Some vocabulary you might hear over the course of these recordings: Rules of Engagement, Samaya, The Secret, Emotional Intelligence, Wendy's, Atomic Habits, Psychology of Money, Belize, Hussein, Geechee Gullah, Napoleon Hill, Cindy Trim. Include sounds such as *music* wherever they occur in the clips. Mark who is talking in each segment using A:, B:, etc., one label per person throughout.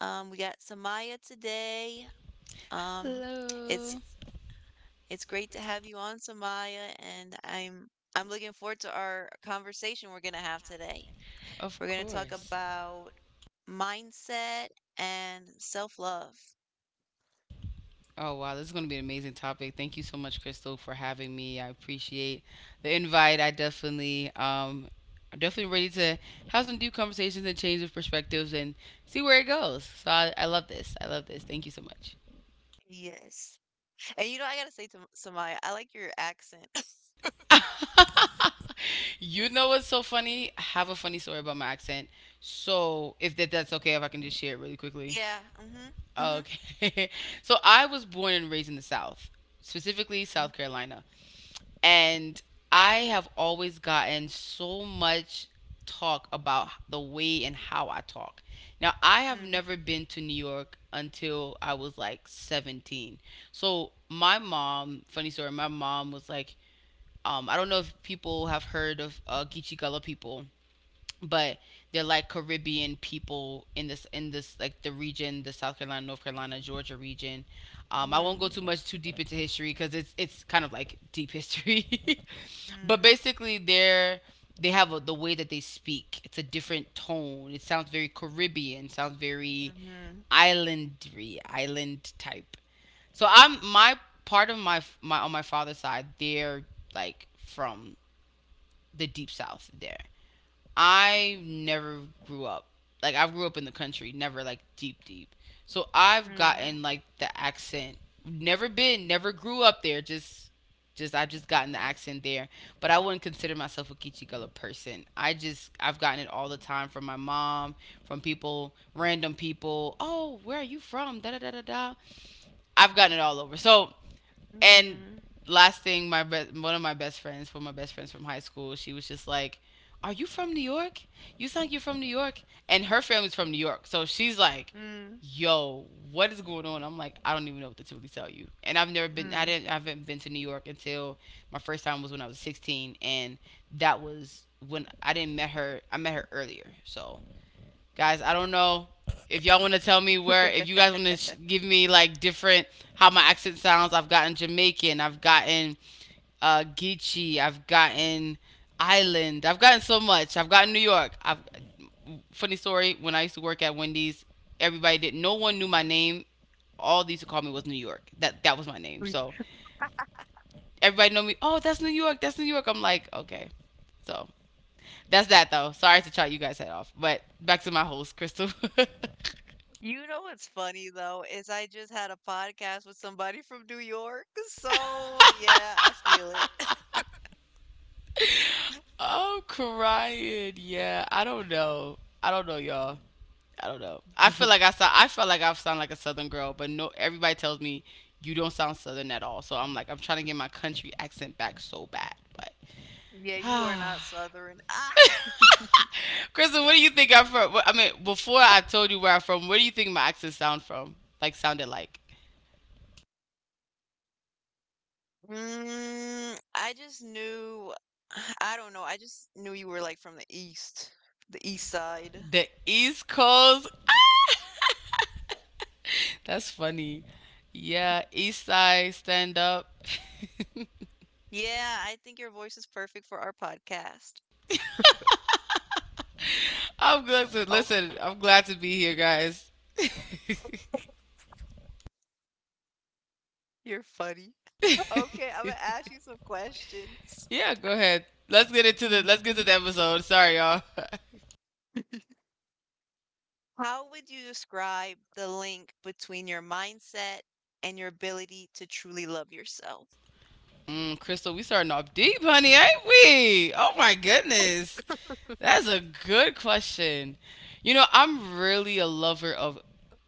A: We got Samaya today. Um, it's
B: Hello.
A: it's great to have you on, Samaya, and I'm looking forward to our conversation we're gonna have today.
B: Of
A: We're gonna talk
B: course.
A: about mindset and self-love.
B: Invite, I definitely I'm definitely ready to have some deep conversations and change of perspectives and see where it goes. So I love this. I love this. Thank you so much.
A: Yes. And you know, I gotta say to Samaya, I like your accent. *laughs*
B: You know what's so funny? I have a funny story about my accent. So if that's okay, if I can just share it really quickly.
A: Yeah. Mm-hmm.
B: Okay. *laughs* So I was born and raised in the South, specifically South Carolina. And I have always gotten so much talk about the way and how I talk. Now, I have
A: Mm-hmm.
B: never been to New York until I was like 17. So my mom, funny story, my mom was like, I don't know if people have heard of Geechee Gullah people, but they're like Caribbean people in this like the region, the South Carolina, North Carolina, Georgia region. I won't go
A: Mm-hmm.
B: too deep into history because it's kind of like deep history, *laughs* but basically the way that they speak, it's a different tone. It sounds very Caribbean. Sounds very
A: Mm-hmm.
B: islandry, island type. So I'm my part of my on my father's side, they're like from the deep south there. I never grew up. Like I grew up in the country, never like deep deep. So I've
A: Mm-hmm.
B: gotten like the accent. Never grew up there. Just I've just gotten the accent there. But I wouldn't consider myself a Kichigala person. I've gotten it all the time from my mom, from people, random people. Oh, where are you from? Da da da da da. I've gotten it all over. So and
A: Mm-hmm.
B: last thing, one of my best friends, one of my best friends from high school, she was just like, "Are you from New York? You sound like you're from New York." And her family's from New York, so she's like,
A: Mm-hmm.
B: "Yo, what is going on?" I'm like, "I don't even know what to really tell you." And I've never been, I
A: Mm.
B: didn't, I haven't been to New York until my first time was when I was 16, and that was when I didn't met her. I met her earlier, so guys, I don't know if y'all want to tell me where. If you guys want to give me like different how my accent sounds. I've gotten Jamaican. I've gotten Geechee. I've gotten Island. I've gotten so much. I've gotten New York. I've Funny story, when I used to work at Wendy's, everybody did. No one knew my name. All these to call me was New York. That was my name.
A: We-
B: So everybody know me. Oh, that's New York. That's New York. I'm like, okay. So that's that though. Sorry to try you guys head off, but back to my host, Crystal. *laughs*
A: You know what's funny though is I just had a podcast with somebody from New York. So yeah, I feel it. *laughs*
B: I'm crying. Yeah, I don't know. I don't know, y'all. I don't know.
A: Mhm.
B: I feel like I sound like a Southern girl, but no. Everybody tells me you don't sound Southern at all. So I'm like, I'm trying to get my country accent back so bad. But,
A: Yeah, you are
B: *sighs*
A: not Southern. Ah,
B: Kristen, what do you think I'm from? I mean, before I told you where I'm from, where do you think my accent sound from? Like, sounded like
A: mm, I just knew. *sighs* I don't know. I just knew you were like from the East Side.
B: the East Coast. That's funny. Yeah, East Side, stand up.
A: Yeah, I think your voice is perfect for our podcast.
B: *laughs* I'm glad to
A: Oh,
B: listen. I'm glad to be here, guys.
A: you're funny. *laughs* Okay, I'm gonna ask you some questions.
B: Yeah, go ahead. Let's get to
A: Um,
B: the episode. Sorry, y'all.
A: How would you describe the link between your mindset and your ability to truly love yourself?
B: *laughs* Mm, Crystal, we starting off deep, honey, ain't we? Oh my goodness. That's a good question. You know, I'm really a lover of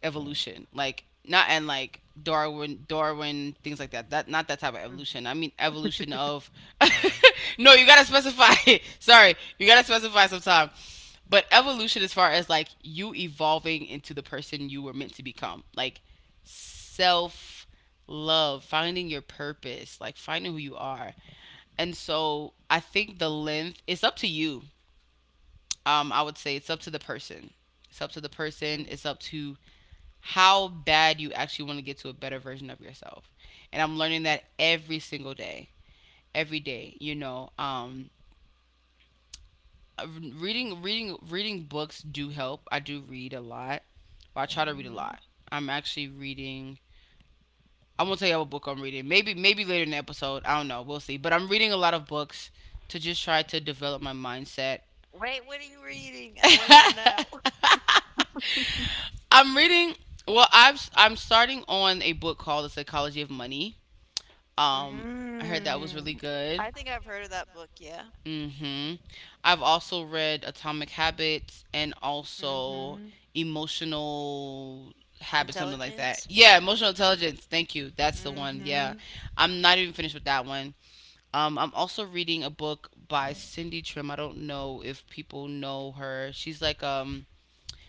B: evolution. Like not and Like Darwin, Darwin, things like that. Not that type of evolution. I mean evolution of. *laughs* No, you gotta specify. *laughs* Sorry, you gotta specify sometime. But evolution, as far as like you evolving into the person you were meant to become, like self love, finding your purpose, like finding who you are. And so I think the length it's up to you I would say it's up to the person. It's up to the person.
A: Mm,
B: It's up to how bad you actually want to get to a better version of yourself. And I'm learning that every single day, every day. You know, uh, reading books do help. I do read a lot. Well, I try to read a lot.
A: mhm.
B: I'm actually reading. I won't tell you what book I'm reading. Maybe later in the episode. I don't know. We'll see. But I'm reading a lot of books to just try to develop my mindset.
A: Wait, what are you reading? I want to know now. *laughs*
B: *laughs* I'm reading. I'm starting on a book called The Psychology of Money. Um, I heard that was really
A: Mm.
B: good.
A: I think I've heard of that book, yeah.
B: Mm-hmm. I've also read Atomic Habits and also
A: Mm-hmm.
B: Emotional Habits, something like that.
A: Intelligence.
B: Yeah, Emotional Intelligence. Thank you. That's the one. Yeah,
A: Mm-hmm.
B: I'm not even finished with that one. I'm also reading a book by Cindy Trim. I don't know if people know her.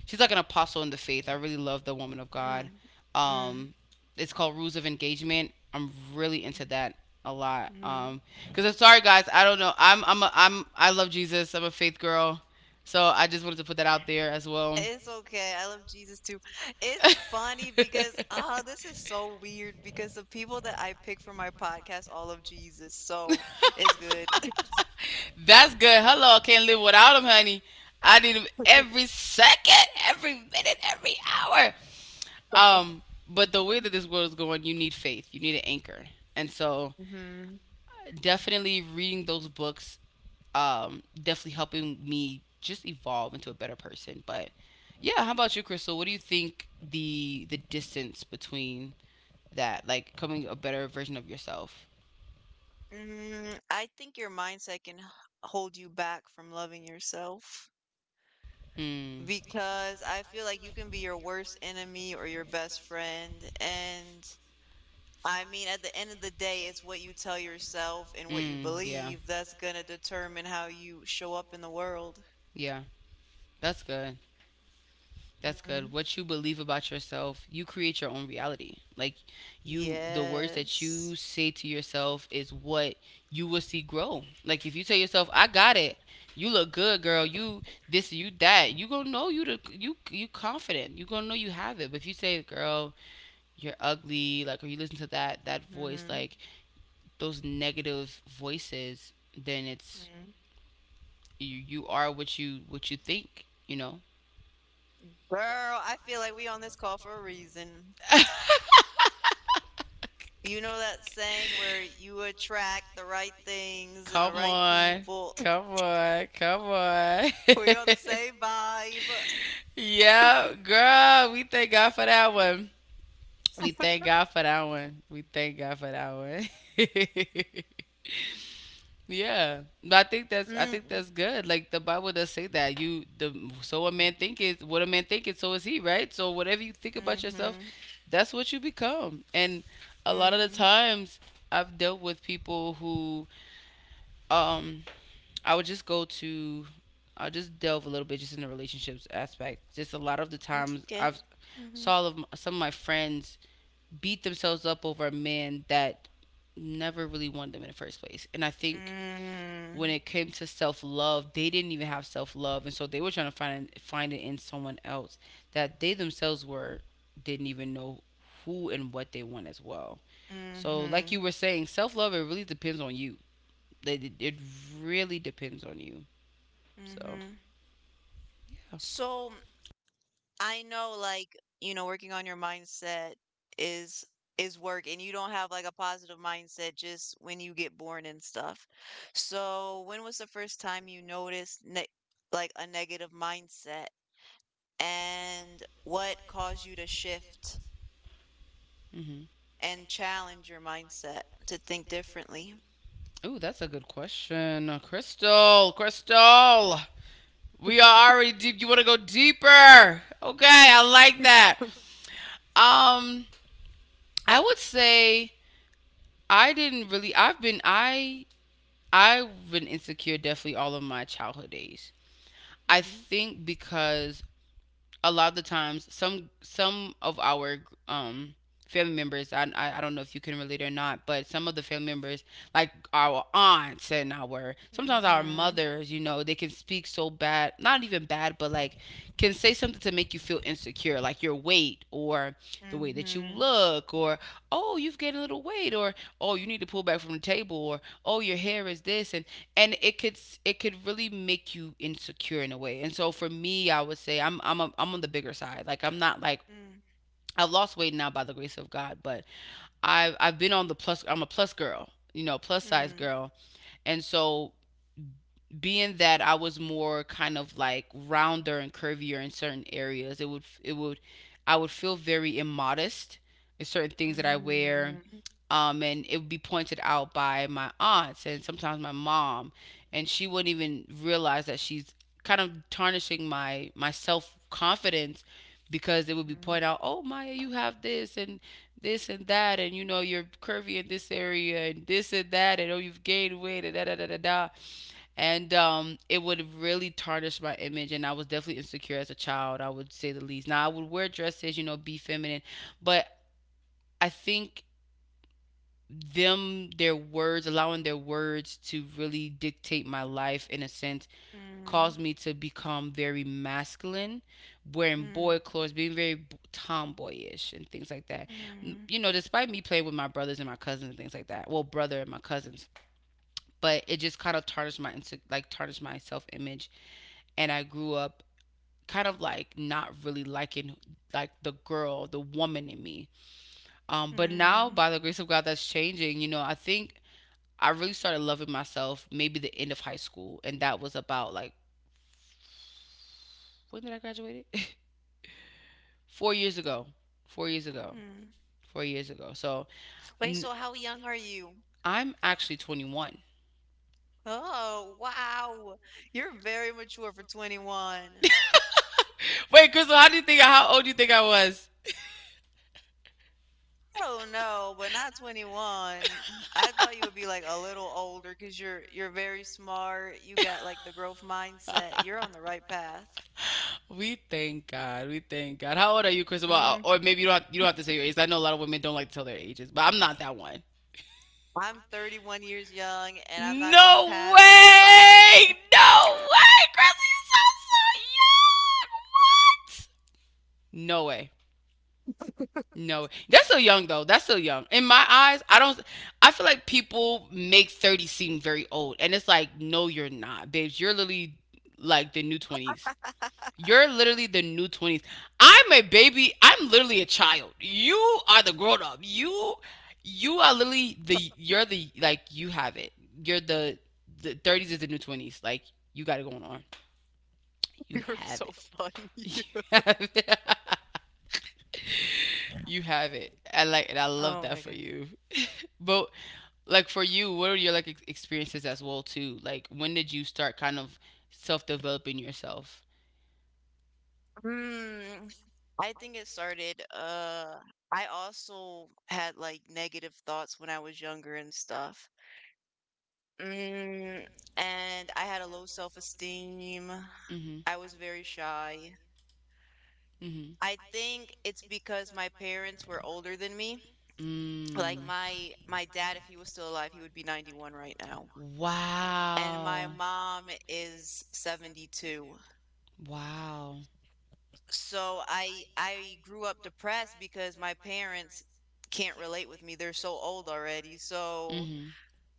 B: She's like an apostle in the faith. I really love the woman of God.
A: Mm. Mm.
B: Um, it's called Rules of Engagement. I'm really into that a lot.
A: Mm.
B: Because I'm sorry guys, I don't know. I love Jesus. I'm a faith girl, so I just wanted to put that out there as well. *laughs*
A: It's okay. I love Jesus too. *laughs* It's funny because this is so weird because the people that I pick for my podcast all love Jesus, so it's good. *laughs*
B: That's good. Hello, I can't live without him, honey. I need him every
A: *laughs*
B: second, every minute, every hour. Um, but the way that this world is going, you need faith. You need an anchor. And so
A: Hmm.
B: definitely reading those books, definitely helping me just evolve into a better person. But yeah, how about you, Crystal? What do you think the distance between that, like becoming a better version of yourself?
A: Mm, I think your mindset can hold you back from loving yourself
B: Mm,
A: because I feel like you can be your worst enemy or your best friend. And I mean, at the end of the day, it's what you tell yourself and what you
B: mm, yeah, yeah. That's
A: believe that's
B: good.
A: going
B: That's
A: to
B: gonna
A: determine
B: determine
A: how
B: how
A: you
B: you
A: show
B: show
A: up in
B: up
A: the
B: in the
A: world.
B: world. Yeah, that's good. That's
A: Hmm.
B: good. What you believe about yourself, you create your own reality. Like you the words that you
A: Yes.
B: say to yourself is what you will see grow. Like if you tell yourself, "I got it. You look good, girl. You this, you that." You going to know you you confident. You going to know you have it. But if you say, "Girl, you're ugly," like or you listen to that voice,
A: Hmm.
B: like those negative voices, then it's
A: Hmm.
B: you are what you think, you know?
A: Girl, I feel like we on this call for a reason.
B: *laughs*
A: You know that saying where you attract the right things and the
B: Come
A: right
B: on.
A: people? *laughs*
B: Come on. Come on. *laughs*
A: We are the same vibe.
B: Yeah, girl. We thank God for that one. We thank God for that one. We thank God for that one.
A: *laughs*
B: *laughs* Yeah, but I think
A: Mm.
B: that's good. Like the Bible does say that you the so a man thinketh, what a man thinketh, so is he, right? So whatever you think about yourself,
A: Mm-hmm.
B: that's what you become. And a lot of the
A: Mm-hmm.
B: times, I've dealt with people who, um, I would just go to, I'll just delve a little bit just in the relationships aspect. Just a lot of the times
A: Okay.
B: I've
A: Mm-hmm.
B: saw of, some of my friends beat themselves up over a man that never really wanted them in the first place. And I think when it
A: Mm.
B: came to self love, they didn't even have self love, and so they were trying to find it in someone else that they themselves were didn't even know who and what they want as well. So, like you were
A: Mm-hmm.
B: saying, self love it really depends on you. It, it- Really depends on you. So,
A: Mm-hmm. So I know like, you know, working on your mindset is is work and you don't have like a positive mindset just when you get born and stuff. So when was the first time you noticed ne like a negative mindset? And what caused you to shift
B: hmm,
A: and challenge your mindset to think differently?
B: ooh, that's a good question, Crystal. Crystal, we are already deep. You want to go deeper? Okay, I like that. Um, I would say I didn't really. I've been insecure definitely all of my childhood days. I
A: Mhm,
B: think because a lot of the times some of our um family members, I don't know if you can relate or not, but some of the family members, like our aunts and our sometimes our
A: mhm,
B: mothers, you know, they can speak so bad, not even bad, but like can say something to make you feel insecure, like your weight or the way that you
A: mhm,
B: look, or oh you've gained a little weight, or oh you need to pull back from the table, or oh your hair is this, and it could really make you insecure in a way. And so for me, I would say I'm on the bigger side, like I'm not like
A: mm.
B: I've lost weight now by the grace of God. But I've been on the plus, I'm a plus girl, you know, plus size
A: Hmm.
B: girl. And so being that I was more kind of like rounder and curvier in certain areas, it would I would feel very immodest in certain
A: Mm,
B: things that I wear.
A: mhm, mm,
B: And it would be pointed out by my aunts and sometimes my mom, and she wouldn't even realize that she's kind of tarnishing my self confidence because it would be pointed out, oh Maya, you have this and this and that, and you know you're curvy in this area and this and that, and oh you've gained weight and da da da da da, and it would really tarnish my image. And I was definitely insecure as a child, I would say the least. Now, I would wear dresses, be feminine, but I think them, their words, allowing their words to really dictate my life in a sense,
A: mm.
B: caused me to become very masculine, wearing boy clothes, being very tomboyish, and things like that.
A: Hmm.
B: You know, despite me playing with my brothers and my cousins and things like that, well, brother and my cousins, but it just kind of tarnished my self image, and I grew up kind of like not really liking, like, the girl, the woman in me. But now
A: Mm.
B: by the grace of God, that's changing. You know, I think I really started loving myself maybe the end of high school, and that was about like, when did I graduate? It *laughs* 4 years ago, 4 years ago,
A: Hmm.
B: 4 years ago. So
A: Wait,
B: n-
A: so how young are you?
B: I'm actually 21.
A: Oh, wow. You're very mature for 21.
B: Wait, Crystal, how do you think? How old do you think I was?
A: Don't know, but not 21. I thought you would be like a little older because you're very smart. You got like the growth mindset. You're on the right path.
B: We thank God. We thank God. How old are you, Chris? Well,
A: Mm,
B: or maybe you don't have to say your age. I know a lot of women don't like to tell their ages, but I'm not that one.
A: I'm 31 years young and I'm
B: And
A: not going
B: no
A: past
B: way!
A: 25. *laughs*
B: No way, Chris! You sound so young. What? No way. No, that's still young though. That's still young. In my eyes, I don't. I feel like people make 30 seem very old, and it's like, no, you're not, babes. You're literally like the new twenties. You're literally the new 20s. I'm a baby. I'm literally a child. You are the grown up. You are literally the you're the like, you have it. You're the 30s is the new 20s. Like, you got it going on. You
A: You're
B: have
A: so
B: it.
A: funny.
B: *laughs* You
A: *laughs*
B: have it. *laughs* You have it. I like and I love
A: Oh
B: that
A: my
B: for
A: God.
B: you. But like, for you, what are your like experiences as well too? Like, when did you start kind of self developing yourself?
A: Mm, I think it started, I also had like negative thoughts when I was younger and stuff. Mm, and I had a low self-esteem.
B: Mhm.
A: I was very shy.
B: Mhm.
A: I think it's because my parents were older than me.
B: Mm.
A: Like my dad, if he was still alive, he would be 91 right
B: Right.
A: now.
B: Wow.
A: And my mom is 72.
B: Wow. With.
A: So I grew up depressed because my parents can't relate with me. They're so old already.
B: So.
A: So
B: Mhm.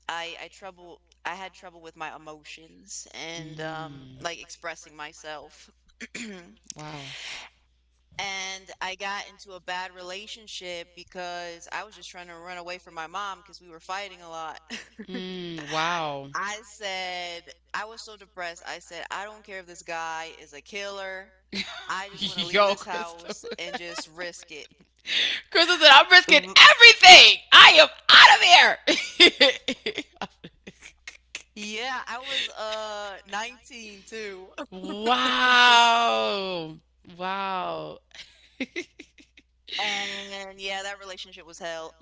A: I had trouble with my emotions
B: um,
A: and
B: Mm.
A: like
B: Like.
A: expressing myself. *clears throat*
B: Wow.
A: And I got into a bad relationship because I was just trying to run away from my mom because we were fighting a lot. *laughs*
B: Mm, wow.
A: I said, I was so depressed. I said, I don't care if this guy is a killer. I just want to
B: *laughs*
A: leave
B: Yo,
A: this
B: Crystal.
A: house and
B: *laughs*
A: just risk it.
B: Crystal said, I'm risking
A: *laughs*
B: everything. I am out of
A: Yeah, I was 19 too. *laughs*
B: here. *laughs* Wow. Wow. *laughs*
A: And yeah, that relationship was hell.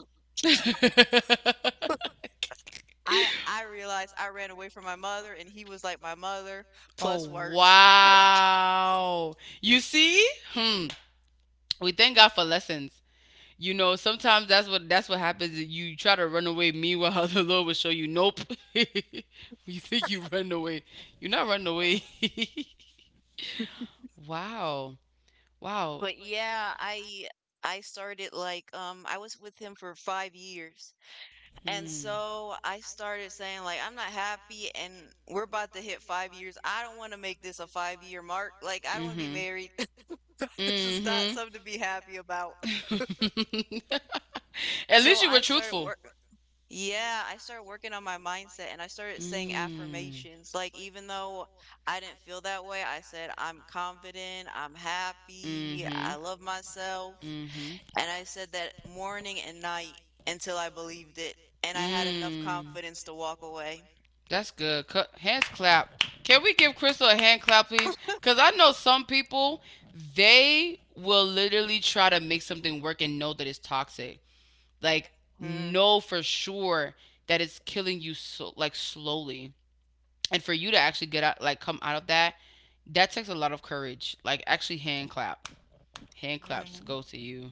B: *laughs*
A: I realized I ran away from my mother and he was like my mother plus
B: Oh,
A: worse. *laughs*
B: wow. You see? Hmm. We thank God for lessons. You know, sometimes that's what happens. You try to run away. Meanwhile, *laughs* the Lord will show you, nope. *laughs* You think you run away. You're not running away. *laughs* Wow. Wow.
A: But yeah, I started like I was with him for 5 years. And
B: Hmm.
A: so I started saying like I'm not happy and we're about to hit 5 years. I don't want to make this a 5 year mark. Like I don't want to be
B: Mm-hmm.
A: married. *laughs* This is not
B: Mm-hmm.
A: something to be happy about.
B: *laughs* At least
A: So
B: you were
A: I started
B: truthful.
A: work Yeah, I started working on my mindset and I started saying
B: Mm.
A: affirmations. Like even though I didn't feel that way, I said I'm confident, I'm happy,
B: Mm-hmm.
A: I love myself.
B: Mm-hmm.
A: And I said that morning and night until I believed it, and I had enough
B: Mm.
A: confidence to walk away.
B: That's good. Hands clap. Can we give Crystal a hand clap, please? Because I know some people, they will literally try to make something work and know that it's toxic. Like,
A: Mhm.
B: know for sure that it's killing you, so, like, slowly. And for you to actually get out, like, come out of that, that takes a lot of courage. Like, actually, hand clap, hand claps go to you.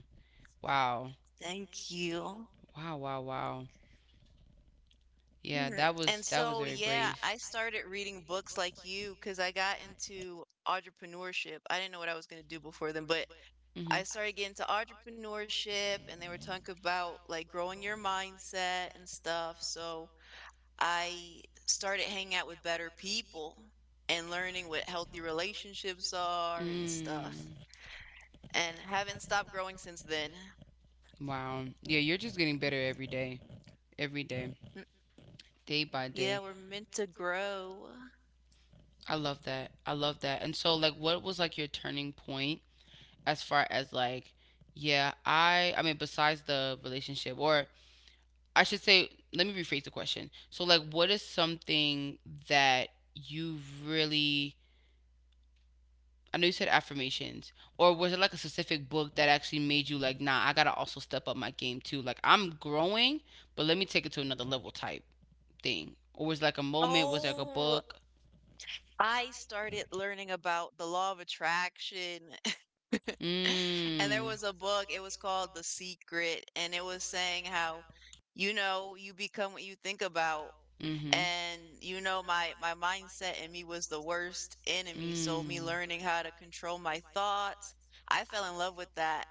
B: Wow,
A: Thank you.
B: wow, wow, wow. Yeah,
A: Mm.
B: that was
A: And
B: that was
A: so,
B: very
A: yeah,
B: brave.
A: I started reading books like you because I got
B: Could.
A: into entrepreneurship. I didn't know what I was going to do before then, but
B: Hmm.
A: I started getting into entrepreneurship and they were talking about like growing your mindset and stuff. So I started hanging out with better people and learning what healthy relationships are and stuff, and haven't stopped growing since then.
B: Mm. Wow. Yeah, you're just getting better every day, every day,
A: Mm.
B: day by day.
A: Yeah, we're meant to grow.
B: I love that, I love that. And so, like, what was like your turning point, as far as like, yeah, I mean, besides the relationship? Or I should say, let me rephrase the question. So, like, what is something that you really, I know you said affirmations, or was it like a specific book that actually made you like, nah, I got to also step up my game too. Like, I'm growing, but let me take it to another level type thing. Or was it like a moment, was it like a
A: Oh,
B: book?
A: I started learning about the law of attraction. *laughs* And there
B: Mm.
A: was a book, it was called The Secret, and it was saying how, you know, you become what you think about.
B: Mhm.
A: And you know, my mindset in me was the worst enemy, so me
B: Mm.
A: learning how to control my thoughts, I fell in love with that,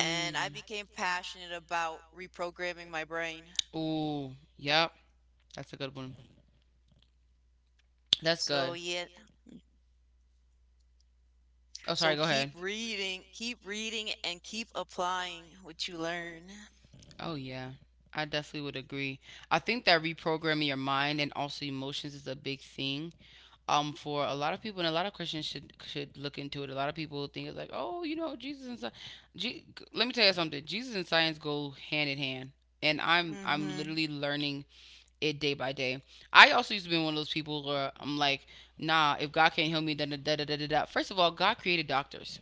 A: and I became passionate about reprogramming my brain.
B: Ooh. Yep. That's a good one. That's
A: So
B: good.
A: yeah,
B: Oh, sorry.
A: so
B: Go ahead.
A: keep reading, keep reading, and keep applying what you learn.
B: Oh, yeah. I definitely would agree. I think that reprogramming your mind and also emotions is a big thing. For a lot of people, and a lot of Christians should look into it. A lot of people think it's like, oh, you know, Jesus and science. Let me tell you something. Jesus and science go hand in hand, and I'm
A: Mhm.
B: literally learning it day by day. I also used to be one of those people where I'm like, nah, if God can't heal me, then da da da da da da. First of all, God created doctors.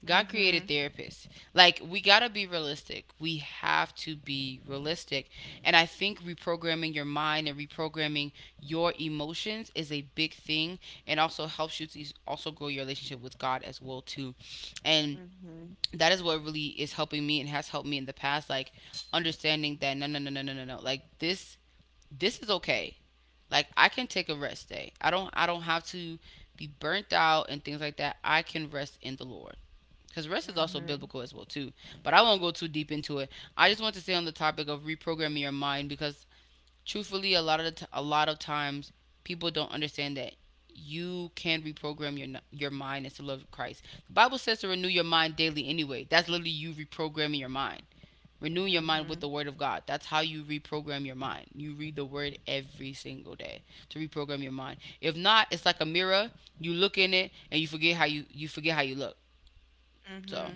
B: God created
A: Mm-hmm.
B: therapists. Like, we gotta be realistic. We have to be realistic. And I think reprogramming your mind and reprogramming your emotions is a big thing, and also helps you to also grow your relationship with God as well too. And
A: Mm-hmm.
B: that is what really is helping me and has helped me in the past. Like, understanding that no, no, no, no, no, no, no. Like, this is okay. Like, I can take a rest day. I don't have to be burnt out and things like that. I can rest in the Lord. Because rest is also
A: Mhm.
B: biblical as well too. But I won't go too deep into it. I just want to stay on the topic of reprogramming your mind because truthfully, a lot of times people don't understand that you can reprogram your mind into love of Christ. The Bible says to renew your mind daily anyway. That's literally you reprogramming your mind. Renew your
A: Mm-hmm.
B: mind with the
A: Mm-hmm.
B: word of God. That's how you reprogram your mind. You read the word every single day to reprogram your mind. If not, it's like a mirror. You look in it and you forget how you you forget how you look. So,
A: Mm-hmm.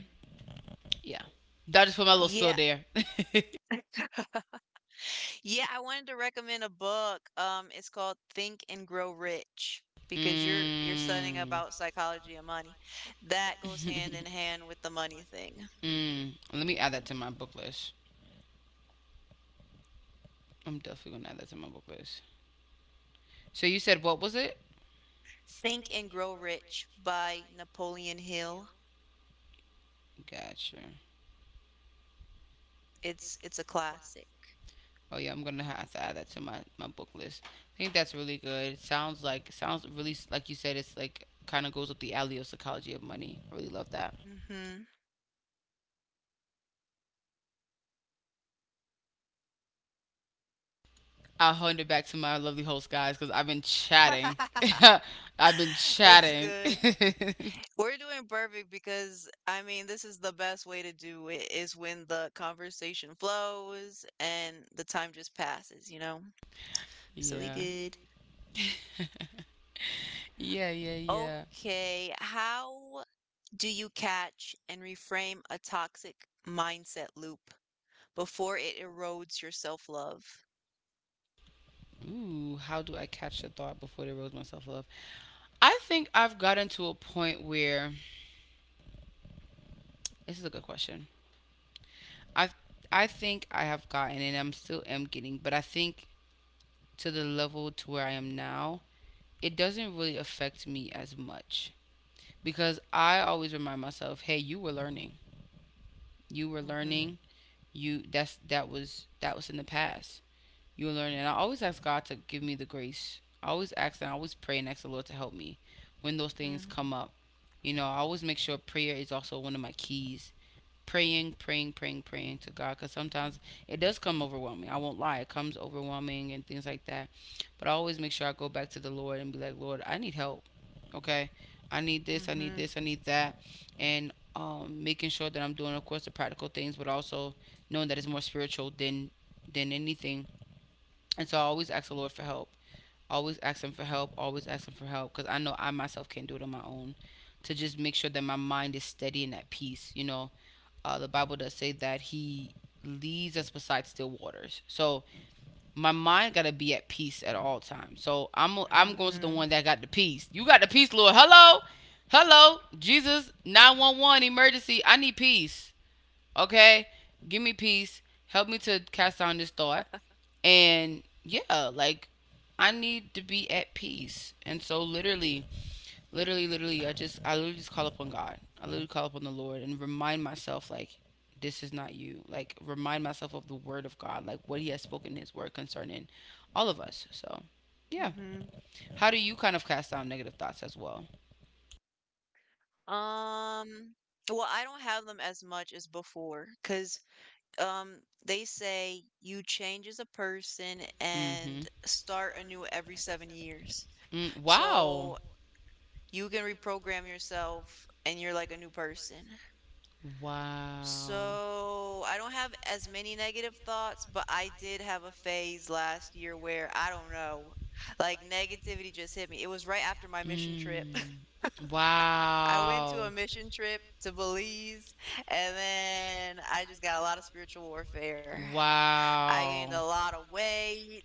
B: yeah. That just put my little spill
A: Yeah.
B: there. *laughs*
A: Yeah, I wanted to recommend a book. It's called Think and Grow Rich because you're studying
B: Mm.
A: about psychology and money. That goes
B: *laughs*
A: hand in hand with the money thing.
B: Mm. Let me add that to my book list. I'm definitely going to add that to my book list. So you said, what was it?
A: Think and Grow Rich by Napoleon Hill.
B: Gotcha.
A: It's a classic.
B: Oh yeah, I'm gonna have to add that to my book list. I think that's really good. It sounds really like you said. It's like kind of goes up the alley of psychology of money. I really love that.
A: Hmm.
B: I'll hand it back to my lovely host guys because I've been chatting.
A: *laughs*
B: *laughs* I've been
A: It's
B: chatting.
A: good.
B: *laughs*
A: We're doing perfect because I mean, this is the best way to do it is when the conversation flows and the time just passes, you know? So we
B: Yeah,
A: good.
B: yeah, yeah, yeah.
A: Okay, how do you catch and reframe a toxic mindset loop before it erodes your self-love?
B: Ooh, how do I catch the thought before it rose myself love? I think I've gotten to a point where, this is a good question. I I think I have gotten, and I'm still am getting, but I think to the level to where I am now, it doesn't really affect me as much because I always remind myself, "Hey, you were learning. You were
A: Mm-hmm.
B: learning. You that's that was in the past. You were learning." And I always ask God to give me the grace. I always ask and I always pray and ask the Lord to help me when those things
A: Mm-hmm.
B: come up. You know, I always make sure prayer is also one of my keys. Praying, praying, praying, praying to God because sometimes it does come overwhelming. I won't lie, it comes overwhelming and things like that. But I always make sure I go back to the Lord and be like, Lord, I need help. Okay. I need this, I need
A: Mm-hmm.
B: this, I need that. And making sure that I'm doing, of course, the practical things, but also knowing that it's more spiritual than anything. And so I always ask the Lord for help. Always ask Him for help. Always ask Him for help because I know I myself can't do it on my own. To just make sure that my mind is steady and at peace. You know, the Bible does say that He leads us beside still waters. So my mind gotta be at peace at all times. So I'm going to the one that got the peace. You got the peace, Lord. Hello, hello, Jesus, 911 emergency. I need peace. Okay, give me peace. Help me to cast down this thought. And yeah, like, I need to be at peace. And so literally, literally, literally, I literally just call upon God. I literally call upon the Lord and remind myself like, this is not you. Like, remind myself of the word of God, like what he has spoken in his word concerning all of us. So yeah.
A: Mm-hmm.
B: How do you kind of cast down negative thoughts as well?
A: Um, well, I don't have them as much as before because they say you change as a person and
B: Mm-hmm.
A: start anew every 7 years.
B: Mm,
A: So
B: wow.
A: you can reprogram yourself and you're like a new person.
B: Wow.
A: So, I don't have as many negative thoughts, but I did have a phase last year where I don't know, like negativity just hit me. It was right after my mission trip.
B: Mm.
A: *laughs* I went to a
B: Wow.
A: mission trip to Belize, and then I just got a lot of spiritual warfare. I gained a
B: Wow.
A: lot of weight,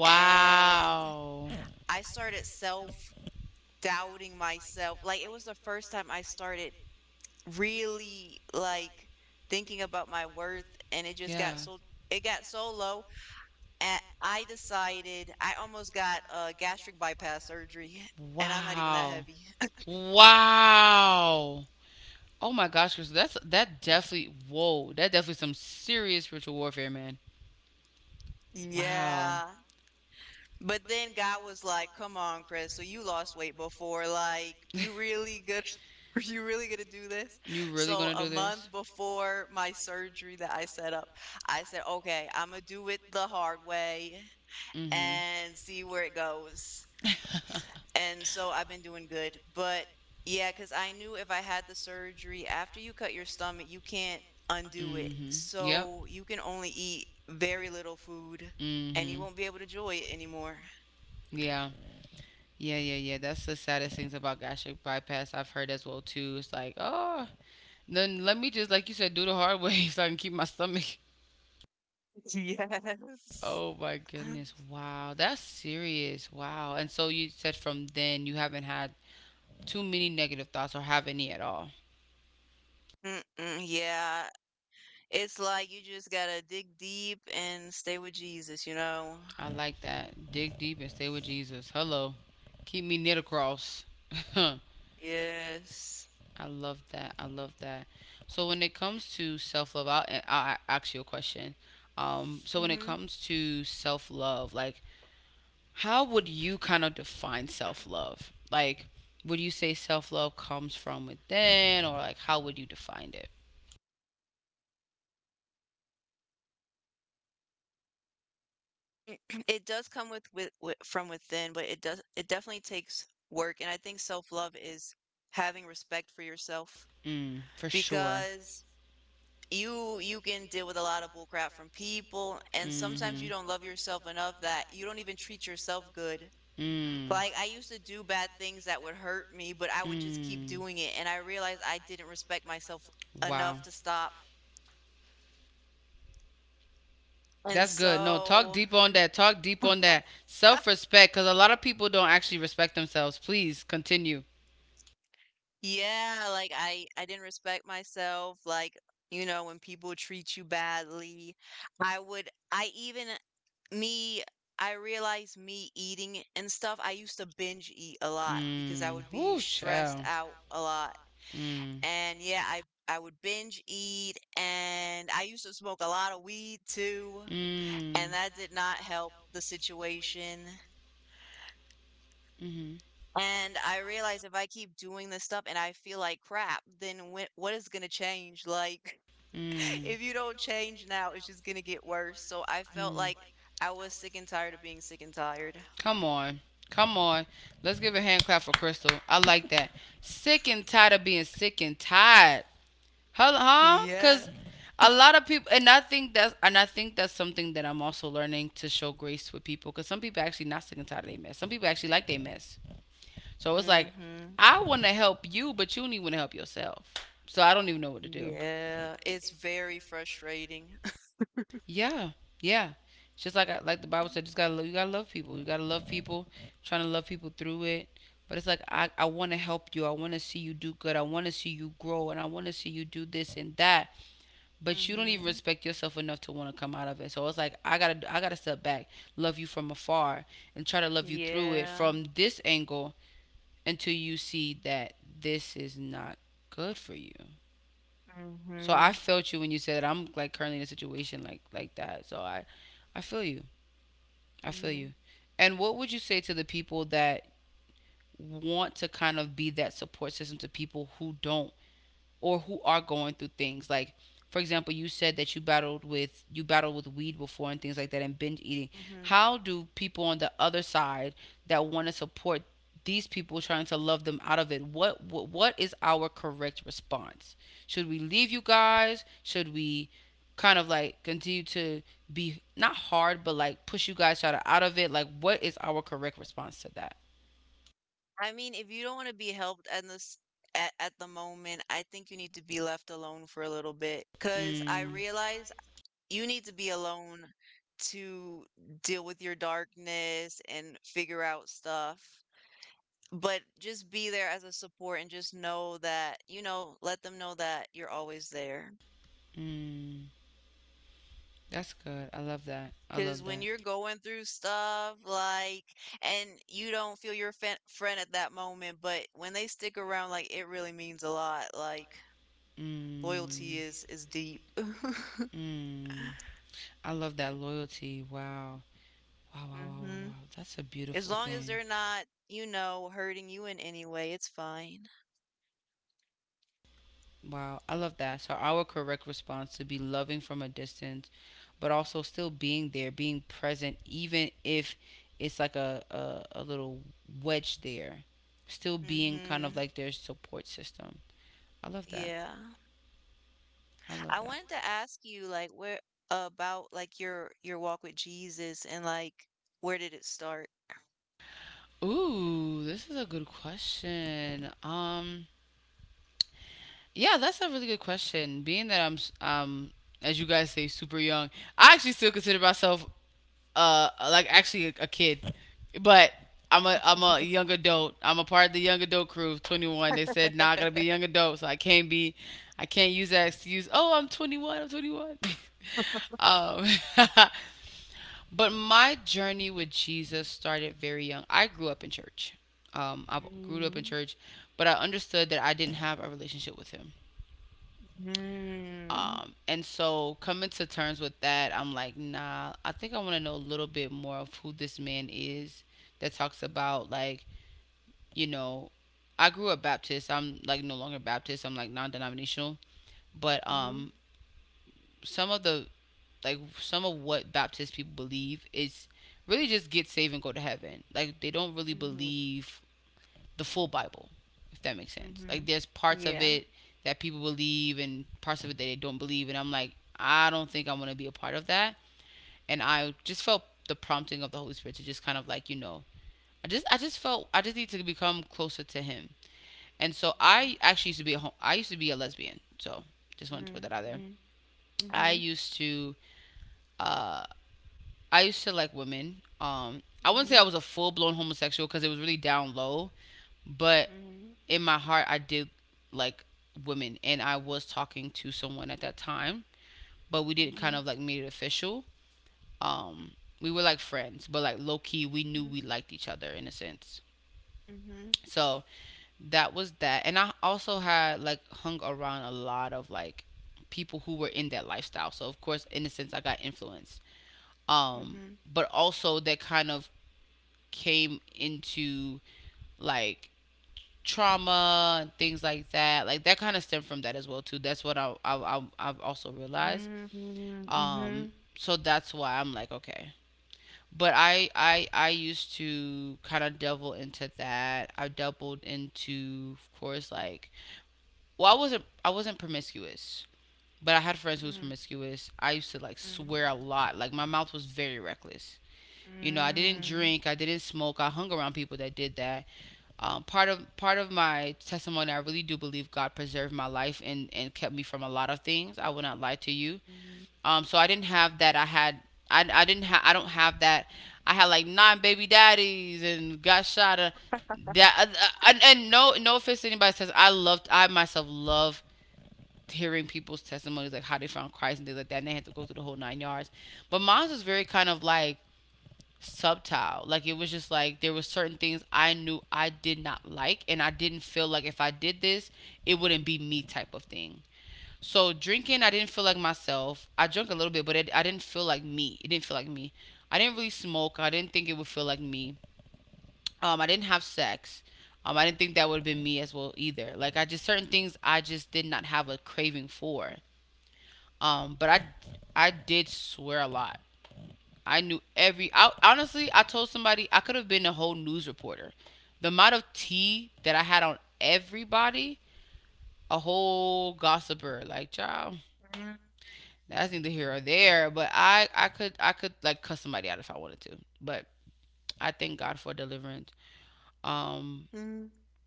A: and I started self doubting myself. Like, it was the first time I started really like thinking about my worth and it just
B: Yeah.
A: got so it got so low and I decided I almost got a gastric bypass surgery *laughs* and I'm not even that
B: Wow.
A: heavy. *laughs*
B: Wow. Oh my gosh, Chris, that definitely whoa, that definitely some serious spiritual warfare, man. Wow.
A: Yeah. But then God was like, "Come on, Chris. So you lost
B: *laughs*
A: weight before. Like, you really good *laughs* you really going to do this?"
B: Really
A: So
B: gonna
A: a
B: do this?
A: month before my surgery that I set up, I said, "Okay, I'm going to do it the hard way
B: Mm-hmm.
A: and see where it goes."
B: *laughs*
A: And so I've been doing good. But yeah, because I knew if I had the surgery, after you cut your stomach, you can't undo it.
B: Mm-hmm. Yep.
A: So you can only eat very little food and you
B: Mm-hmm.
A: won't be able to enjoy it anymore.
B: Yeah. Yeah, yeah, yeah. That's the saddest things about gastric bypass I've heard as well too. It's like, oh, then let me just like you said, do the hard way *laughs* so I can keep my stomach.
A: *laughs* Yes.
B: Oh my goodness. Wow. That's serious. Wow. And so you said from then you haven't had too many negative thoughts or have any at all.
A: Mm-mm, yeah. It's like you just gotta dig deep and stay with Jesus, you know?
B: I like that. Dig deep and stay with Jesus. Hello. Keep me near the cross. *laughs*
A: Yes.
B: I love that. I love that. So when it comes to self love, I'll ask you a question. So when it
A: Hmm.
B: comes to self love, like how would you kind of define self love? Like, would you say self love comes from within, or like how would you define it?
A: Mm, *clears throat* it does come with, with from within, but it does it definitely takes work. And I think self-love is having respect for yourself because
B: Mm, for sure.
A: you can deal with a lot of bull crap from people and sometimes you don't love yourself enough that you don't even treat yourself good. Like I
B: Mm.
A: used to do bad things that would hurt me, but I would just keep doing it
B: just
A: and I realized I didn't respect myself enough to
B: Wow.
A: stop. And
B: That's good. No, so talk
A: so
B: deep on that. Talk deep on that. Self respect, because a lot of people don't actually respect themselves. Please continue.
A: yeah, like I didn't respect myself, like, you know, when people treat you badly. I would I even me I realized me eating and stuff, I used to binge eat a lot because I
B: Mm.
A: would be
B: Whoo, really
A: stressed
B: child.
A: out a lot.
B: Mm.
A: And yeah, I would binge eat and I used to smoke a lot of weed too,
B: Mm.
A: and that did not help the situation.
B: Mm-hmm.
A: And I realized if I keep doing this stuff and I feel like crap, then what is going to change? Like,
B: Mm.
A: if you don't change now, it's just gonna get worse. So I felt
B: Mm.
A: like I was sick and tired of being sick and tired.
B: Come on. Come on. Let's give a hand clap for Crystal. I like that. Sick and tired of being sick and tired. Huh? Huh?
A: Yeah.
B: Cause A lot of people, and I think that's something that I'm also learning to show grace with people. Cause some people actually not sick and tired of their mess. Some people actually like their mess. So it's like,
A: Mm-hmm.
B: I wanna help you, but you don't even wanna help yourself. So I don't even know what to do.
A: Yeah. It's very frustrating. *laughs*
B: Yeah, yeah. It's just like like the Bible said, you gotta love people. You gotta love people, trying to love people through it. But it's like I want to help you. I want to see you do good. I want to see you grow, and I want to see you do this and that. But you don't even
A: Mm-hmm.
B: respect yourself enough to want to come out of it. So it's like I gotta step back, love you from afar, and try to love you through it
A: Yeah.
B: from this angle until you see that this is not good for you. So I
A: Mm-hmm.
B: felt you when you said that. I'm like currently in a situation like that. So I feel you. I feel
A: Mm-hmm.
B: you. And what would you say to the people that want to kind of be that support system to people who don't, or who are going through things, like, for example, you said that you battled with weed before and things like that, and binge eating.
A: Mm-hmm.
B: How do people on the other side that want to support these people, trying to love them out of it, what, what is our correct response? Should we leave you guys? Should we kind of like continue to be, not hard, but like push you guys out of it? Like, what is our correct response to that?
A: I mean, if you don't want to be helped at this at the moment, I think you need to be left alone for a little bit. Cause I
B: Mm,
A: realize you need to be alone to deal with your darkness and figure out stuff. But just be there as a support and just know that, let them know that you're always there.
B: mm, that's good. I love that. I
A: Because
B: love
A: when
B: that.
A: you're going through stuff, like, and you don't feel your friend at that moment, but when they stick around, like, it really means a lot. Like, loyalty
B: Mm,
A: is deep. *laughs*
B: mm. I love that loyalty. Wow. Wow, wow, wow, wow,
A: Hmm.
B: wow. That's a
A: As
B: beautiful
A: long as
B: thing.
A: they're not, you know, hurting you in any way, it's fine.
B: Wow, I love that. So our correct response to be loving from a distance, but also still being there, being present, even if it's like a little wedge there, still being kind of
A: Mm-hmm.
B: like their support system. I love that.
A: Yeah.
B: Yeah. I love
A: I
B: that.
A: wanted to ask you, like, where about, like, your walk with Jesus and, like, where did it start?
B: Ooh, this is a good question. Yeah, that's a really good question. Being that as you guys say, super young, I actually still consider myself, like actually a kid, but I'm a young adult. I'm a part of the young adult crew, 21. They said nah, I gotta
A: *laughs*
B: be a young adult, so I can't use that excuse. Oh, I'm 21. I'm 21. *laughs* um, *laughs* but my journey with Jesus started very young. I grew up in church. I grew up in
A: Mm-hmm.
B: church, but I understood that I didn't have a relationship with Him.
A: Mm-hmm.
B: And so, coming to terms with that, I'm like, nah, I think I want to know a little bit more of who this man is that talks about, like, you know, I grew up Baptist. I'm like no longer Baptist. I'm like non denominational. But some of the, like, some of what Baptist people believe is really just get saved and go to heaven. Like, they don't really
A: Mm-hmm.
B: believe the full Bible, if that makes sense.
A: Mm-hmm.
B: Like there's parts of
A: Yeah.
B: it that people believe and parts of it that they don't believe, and I'm like, I don't think I want to be a part of that. And I just felt the prompting of the Holy Spirit to just kind of like, you know, I just felt I just need to become closer to Him. And so I actually used to be a, I used to be a lesbian, so just wanted to put
A: Mhm,
B: that out there.
A: mhm,
B: I
A: mhm,
B: used to uh I used to like women. I wouldn't
A: mhm,
B: say I was a full blown homosexual because it was really down low, but
A: mhm,
B: in my heart I did like women, and I was talking to someone at that time, but we didn't
A: mhm,
B: kind of like make it official. Um we were like friends, but like low key we knew we liked each other in a sense.
A: mhm,
B: So that was that. And I also had like hung around a lot of like people who were in that lifestyle. So of course in a sense I got influenced.
A: mhm,
B: Um
A: mhm,
B: but also that kind of came into like trauma and things like that. Like that kind of stemmed from that as well too. That's what I've also realized.
A: mhm, mhm, mhm, mhm, mhm, mhm,
B: Um, so that's why I'm like okay. But I used to kind of double into that. I doubled into, of course, like, I wasn't promiscuous. But I had friends who was promiscuous. I used to like swear a lot. Like my mouth was very reckless. You know, I didn't
A: mhm,
B: drink, I didn't smoke. I hung around people that did that. Part of my testimony, I really do believe God preserved my life and kept me from a lot of things. I will not lie to you.
A: mhm,
B: So I didn't have that. I had, I didn't have, I don't have that. I had like nine baby daddies and got shot, that uh, uh, and no offense to anybody that says, I loved, I myself love hearing people's testimonies, like how they found Christ and things like that, and they had to go through the whole nine yards. But mine was very kind of like subtle. Like it was just like there were certain things I knew I did not like, and I didn't feel like if I did this, it wouldn't be me type of thing. So drinking, I didn't feel like myself. I drank a little bit, but it, I didn't feel like me. It didn't feel like me. I didn't really smoke. I didn't think it would feel like me. I didn't have sex. I didn't think that would have been me as well either. Like I just certain things I just did not have a craving for. But I did swear a lot. I knew every. I, honestly, I told somebody I could have been a whole news reporter. The amount of tea that I had on everybody, a whole gossiper, like child. That's neither here or there. But I could like cuss somebody out if I wanted to. But I thank God for deliverance. Um,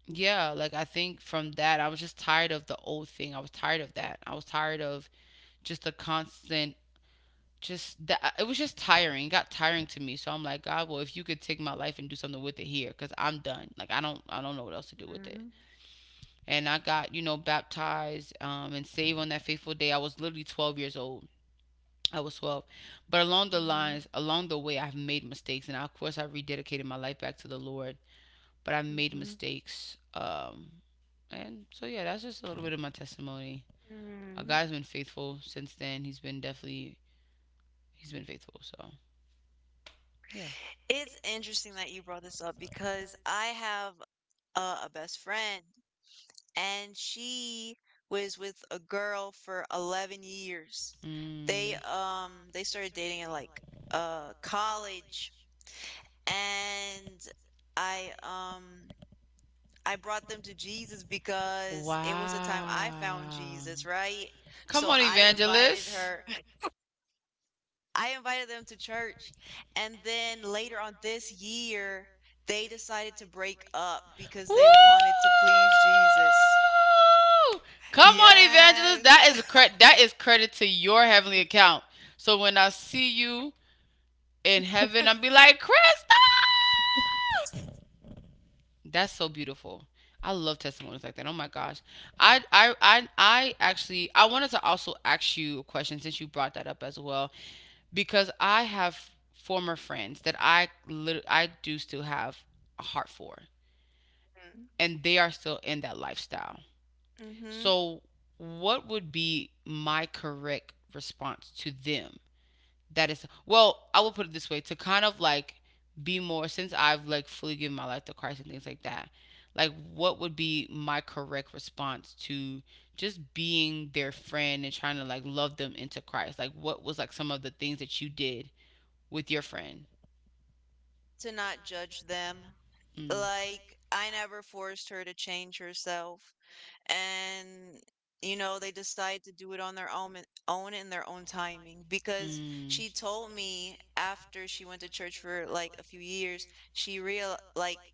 B: yeah, like I think from that, I was just tired of the old thing. I was tired of that. I was tired of just the constant, just that, it was just tiring. It got tiring to me. So I'm like, God, well, if you could take my life and do something with it here, because I'm done. Like I don't know what else to do with it. And I got, you know, baptized, and saved on that faithful day. I was literally 12 years old. I was 12. But along
A: mhm,
B: the
A: mhm,
B: lines, along the way, I've made mistakes, and I, of course, I rededicated my life back to the Lord. But I made
A: mhm.
B: mistakes, and so yeah, that's just a little bit of my testimony.
A: Mm.
B: God's been faithful since then. He's been definitely, he's been faithful. So yeah.
A: It's interesting that you brought this up because I have a, a best friend, and she was with a girl for 11 years.
B: Mm.
A: They, um, they started dating in, like, college. And I, um, I brought them to Jesus because it was the time I found
B: Wow.
A: Jesus, right?
B: Come
A: So
B: on, but the
A: I invited
B: evangelist,
A: her. *laughs*
B: they
A: I invited them to church. And then later on this year, they decided to break up because
B: Woo!
A: they wanted to please Jesus.
B: Because come on, evangelist.
A: Yes.
B: That is credit. That is credit to your heavenly account. So when I see you in heaven, I will be like, Krista. That's so beautiful. I love testimonies like that. Oh my gosh. I wanted to also ask you a question since you brought that up as well because I have former friends that I do still have a heart for, and they are still in that lifestyle.
A: Mm-hmm.
B: So what would be my correct response to them that is, well, I will put it this way, to kind of like be more, since I've like fully given my life to Christ and things like that. Like what would be my correct response to just being their friend and trying to like love them into Christ? Like what was like some of the things that you did with your friend?
A: To not judge them.
B: Mm.
A: Like, I never forced her to change herself, and, you know, they decide to do it on their own in their own timing. Because she
B: Mm.
A: told me, after she went to church for like a few years, she real like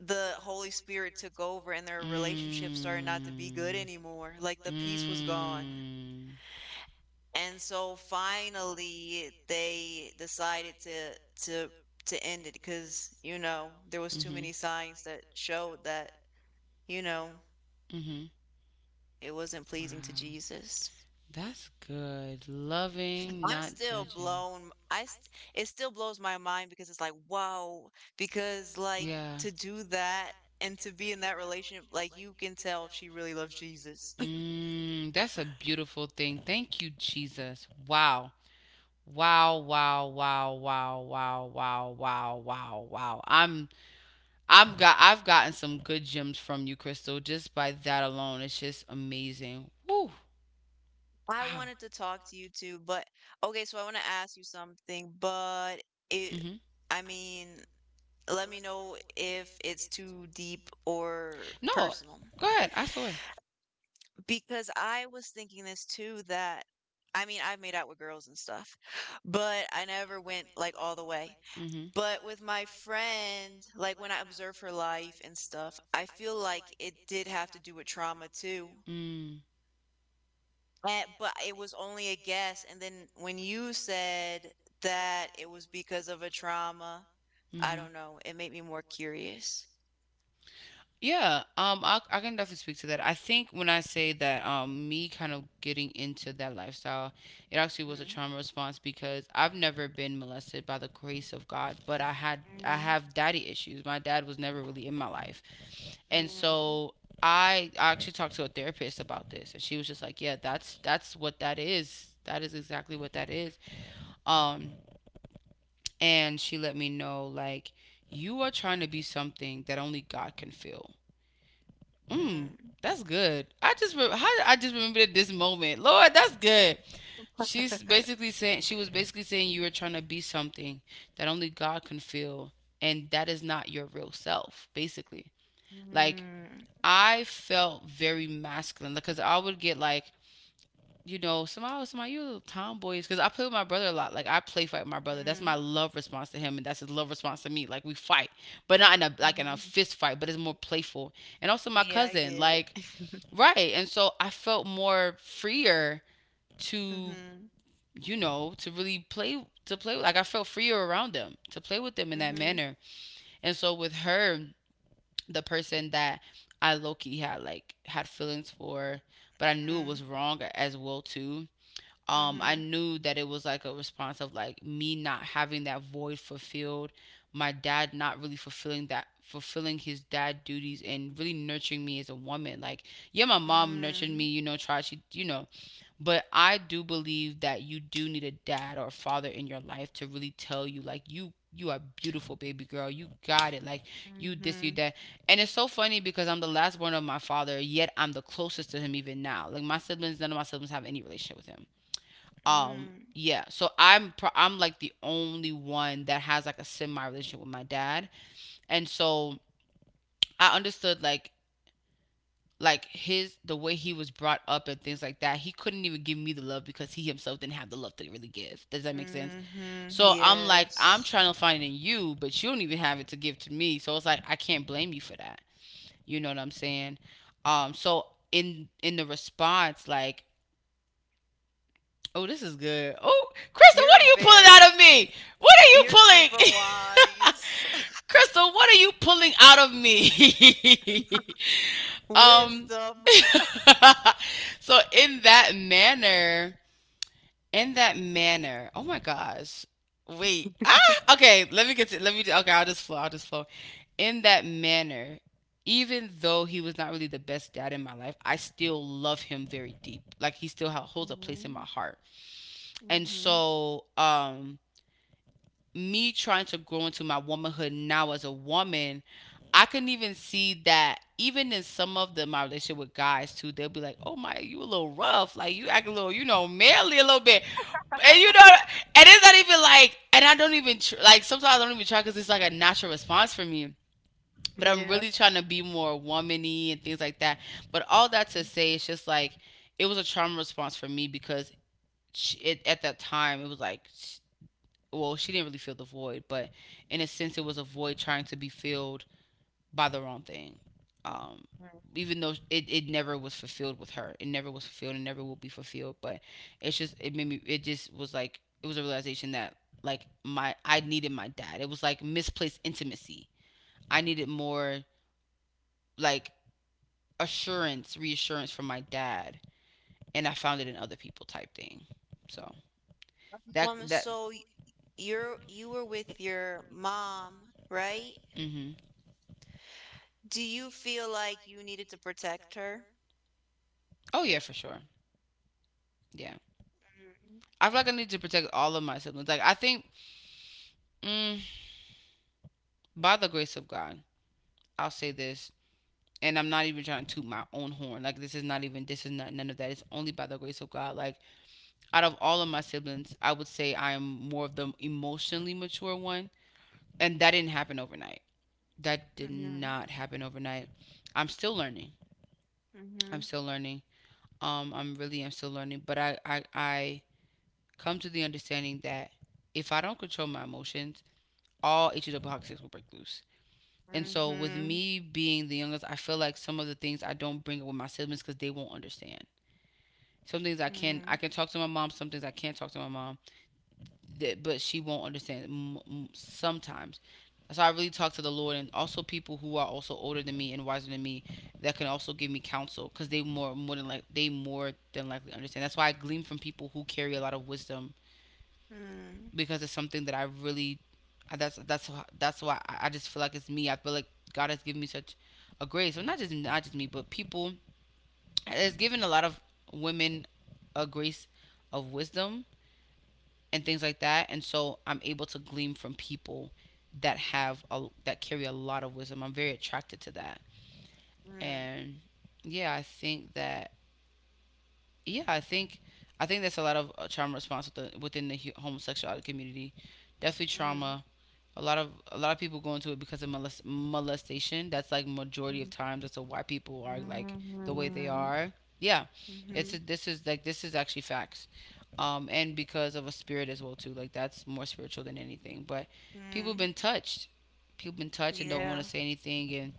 A: the Holy Spirit took over and their relationship started not to be good anymore. Like, the
B: Mm.
A: peace was gone.
B: Mm.
A: And so finally they decided to to
B: ended.
A: end it because, you know, there was too
B: Mm-hmm. Mhm.
A: many
B: Mhm.
A: signs that showed that, you know, it wasn't
B: Wow.
A: pleasing to
B: Pleasing.
A: Jesus.
B: That's good. Loving,
A: I'm
B: not
A: still
B: judging.
A: blown. I st It still blows my mind because it's like, "Wow," because, like,
B: Yeah.
A: to do that and to be in that relationship, like, you can tell she really loves Jesus. *clears throat*
B: Mm, that's a beautiful thing. Thank you, Jesus. Wow. Wow, wow, wow, wow, wow, wow, wow, wow, wow. I've gotten some good gems from you, Crystal, just by that alone. It's just amazing. Woo.
A: *laughs* I
B: Wow.
A: wanted to talk to you too, but okay, so I wanna ask you something, but it,
B: Mhm.
A: I mean, let me know if it's too deep or
B: No.
A: personal,
B: Go ahead. I saw it.
A: because I was thinking this too that, I mean, I've made out with girls and stuff, but I never went, like, all the way.
B: Mhm.
A: But with my friend, like when I observe her life and stuff, I feel like it did have to do with trauma too.
B: Mm.
A: And, but it was only a guess. And then when you said that it was because of a trauma, I
B: Mhm.
A: don't know, it made me more curious.
B: Yeah, I can definitely speak to that. I think when I say that, me kind of getting into that lifestyle, it actually was a
A: Mm,
B: trauma response because I've never been molested, by the grace of God, but I
A: mm,
B: have daddy issues. My dad was never really in my life, and
A: mm,
B: so I actually talked to a therapist about this, and she was just like, "Yeah, that's what that is. That is exactly what that is." Um, and she let me know like, you are trying to be something that only God can feel. Mm,
A: mm,
B: that's good. How did I just remembered this moment. Lord, that's good. She was basically saying you were trying to be something that only God can feel, and that is not your real self. Basically, like
A: mm,
B: I felt very masculine because I would get like. You know, somehow you little tomboys. Because I play with my brother a lot. Like I play fight with my brother. That's
A: mm,
B: my love response to him, and that's his love response to me. Like we fight, but not in a like in a
A: mhm.
B: fist fight. But it's more playful. And also my
A: Yeah, I
B: cousin.
A: get
B: Like
A: it. *laughs*
B: right. And so I felt more freer to,
A: Mhm,
B: you know, to really play like I felt freer around them, to play with them in that
A: mhm,
B: manner. And so with her, the person that I low key had feelings for, but I knew it
A: mm,
B: was wrong as well too. I
A: mhm,
B: knew that it was like a response of like me not having that void fulfilled, my dad not really fulfilling his dad duties and really nurturing me as a woman. Like, yeah, my mom nurtured
A: mm,
B: me, you know, tried, she, you know, but I do believe that you do need a dad or a father in your life to really tell you like, you are beautiful, baby girl, you got it, like you this, you
A: mhm,
B: that. And it's so funny because I'm the last born of my father, yet I'm the closest to him even now. Like my siblings, none of my siblings have any relationship with him. Um,
A: mm.
B: yeah, so I'm like the only one that has like a semi relationship with my dad. And so I understood like his, the way he was brought up and things like that, he couldn't even give me the love because he himself didn't have the love to really give. Does that make sense?
A: Mhm,
B: So I'm like, I'm
A: yes.
B: trying to find it in you, but you don't even have it to give to me, so it's like I can't blame you for that. You know what I'm saying? So in the response, like, oh, this is good. Oh, Crystal,
A: You're
B: what are you pulling
A: very
B: out of me? What are
A: you're
B: you
A: super
B: pulling?
A: wise. *laughs*
B: *laughs* Crystal, what are you pulling out of me? *laughs* um
A: Wisdom.
B: *laughs* So in that manner, in that manner. Oh my gosh. Wait. Ah, okay, let me, okay, I'll just flow. I'll just flow. In that manner, even though he was not really the best dad in my life, I still love him very deep. Like he holds a place in my
A: Mhm,
B: heart. And
A: mhm.
B: so, me trying to grow into my womanhood now as a woman, I can even see that even in some of the my relationship with guys too, they'll be like, "Oh my, you a little rough, like you act a little, you know, manly a little bit," and you know, and it's not even like, and I don't even tr- like sometimes I don't even try because it's like a natural response for me. But I'm
A: Yeah.
B: really trying to be more womany and things like that. But all that to
A: Mhm.
B: say, it's just like it was a trauma response for me because at that time it was like well, she didn't really feel the void, but in a sense, it was a void trying to be filled by the wrong thing. Um,
A: Mhm.
B: even though it never was fulfilled with her, it never was fulfilled and never will be fulfilled. But it's just, it made me, it just was like, it was a realization that like I needed my dad. It was like misplaced intimacy. I needed more like assurance, reassurance from my dad. And I found it in other people type thing. So that,
A: Um,
B: that,
A: so y- you're you were with your mom, right?
B: mm-hmm.
A: Do you feel like you needed to protect her?
B: Oh yeah, for sure. Yeah. I feel like I need to protect all of my siblings. Like I think, mm, by the grace of God, I'll say this, and I'm not even trying to toot my own horn. Like this is not none of that. It's only by the grace of God. Like out of all of my siblings, I would say I am more of the emotionally mature one, and that didn't happen overnight. That did
A: Mhm,
B: not happen overnight. I'm still learning. I'm
A: mhm,
B: still learning. I'm really I am still learning, but I come to the understanding that if I don't control my emotions, all HW toxics will break loose. And
A: mhm,
B: so, with
A: mhm,
B: me being the youngest, I feel like some of the things I don't bring up with my siblings because they won't understand. Some things I can talk to my mom. Some things I can't talk to my mom, that, but she won't understand sometimes. So I really talk to the Lord and also people who are also older than me and wiser than me that can also give me counsel because they more than likely understand. That's why I glean from people who carry a lot of wisdom,
A: mhm,
B: because it's something that I really, that's that's that's why I just feel like it's me. I feel like God has given me such a grace, well, not just me, but people, has given a lot of women a grace of wisdom and things like that, and so I'm able to glean from people that that carry a lot of wisdom. I'm very attracted to that,
A: mhm,
B: and yeah, I think that yeah, I think, I think there's a lot of trauma response with within the homosexuality community. Definitely trauma. A lot of people go into it because of molestation. That's like majority of
A: mhm,
B: times. That's why people are like
A: mhm,
B: the way they
A: mhm,
B: are. Yeah,
A: mhm,
B: this is like, this is actually facts, and because of a spirit as well too. Like that's more spiritual than anything. But people have
A: mhm.
B: been touched. People been touched and don't want to
A: Yeah.
B: say anything and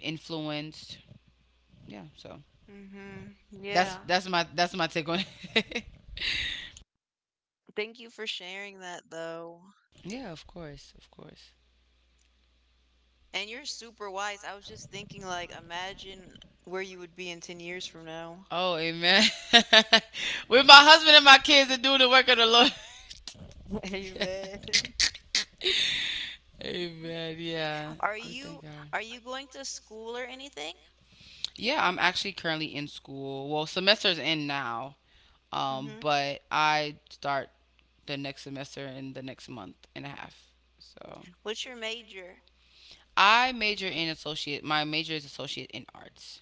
B: influenced. Yeah, so
A: Mhm. Yeah.
B: that's my take on it. *laughs*
A: Thank you for sharing that, though.
B: Yeah, of course, of course.
A: And you're super wise. I was just thinking, like, imagine where you would be in 10 years from now.
B: Oh, amen. *laughs* With my husband and my kids and doing the work of the Lord.
A: *laughs* Amen. *laughs*
B: *laughs* Amen. Yeah.
A: Are
B: We thank
A: you
B: God.
A: are you going to school or anything?
B: Yeah, I'm actually currently in school. Well, semester's in now.
A: Mhm.
B: But I start the next semester in the next month and a half. So
A: What's your major?
B: I major in associate. My major is associate in arts.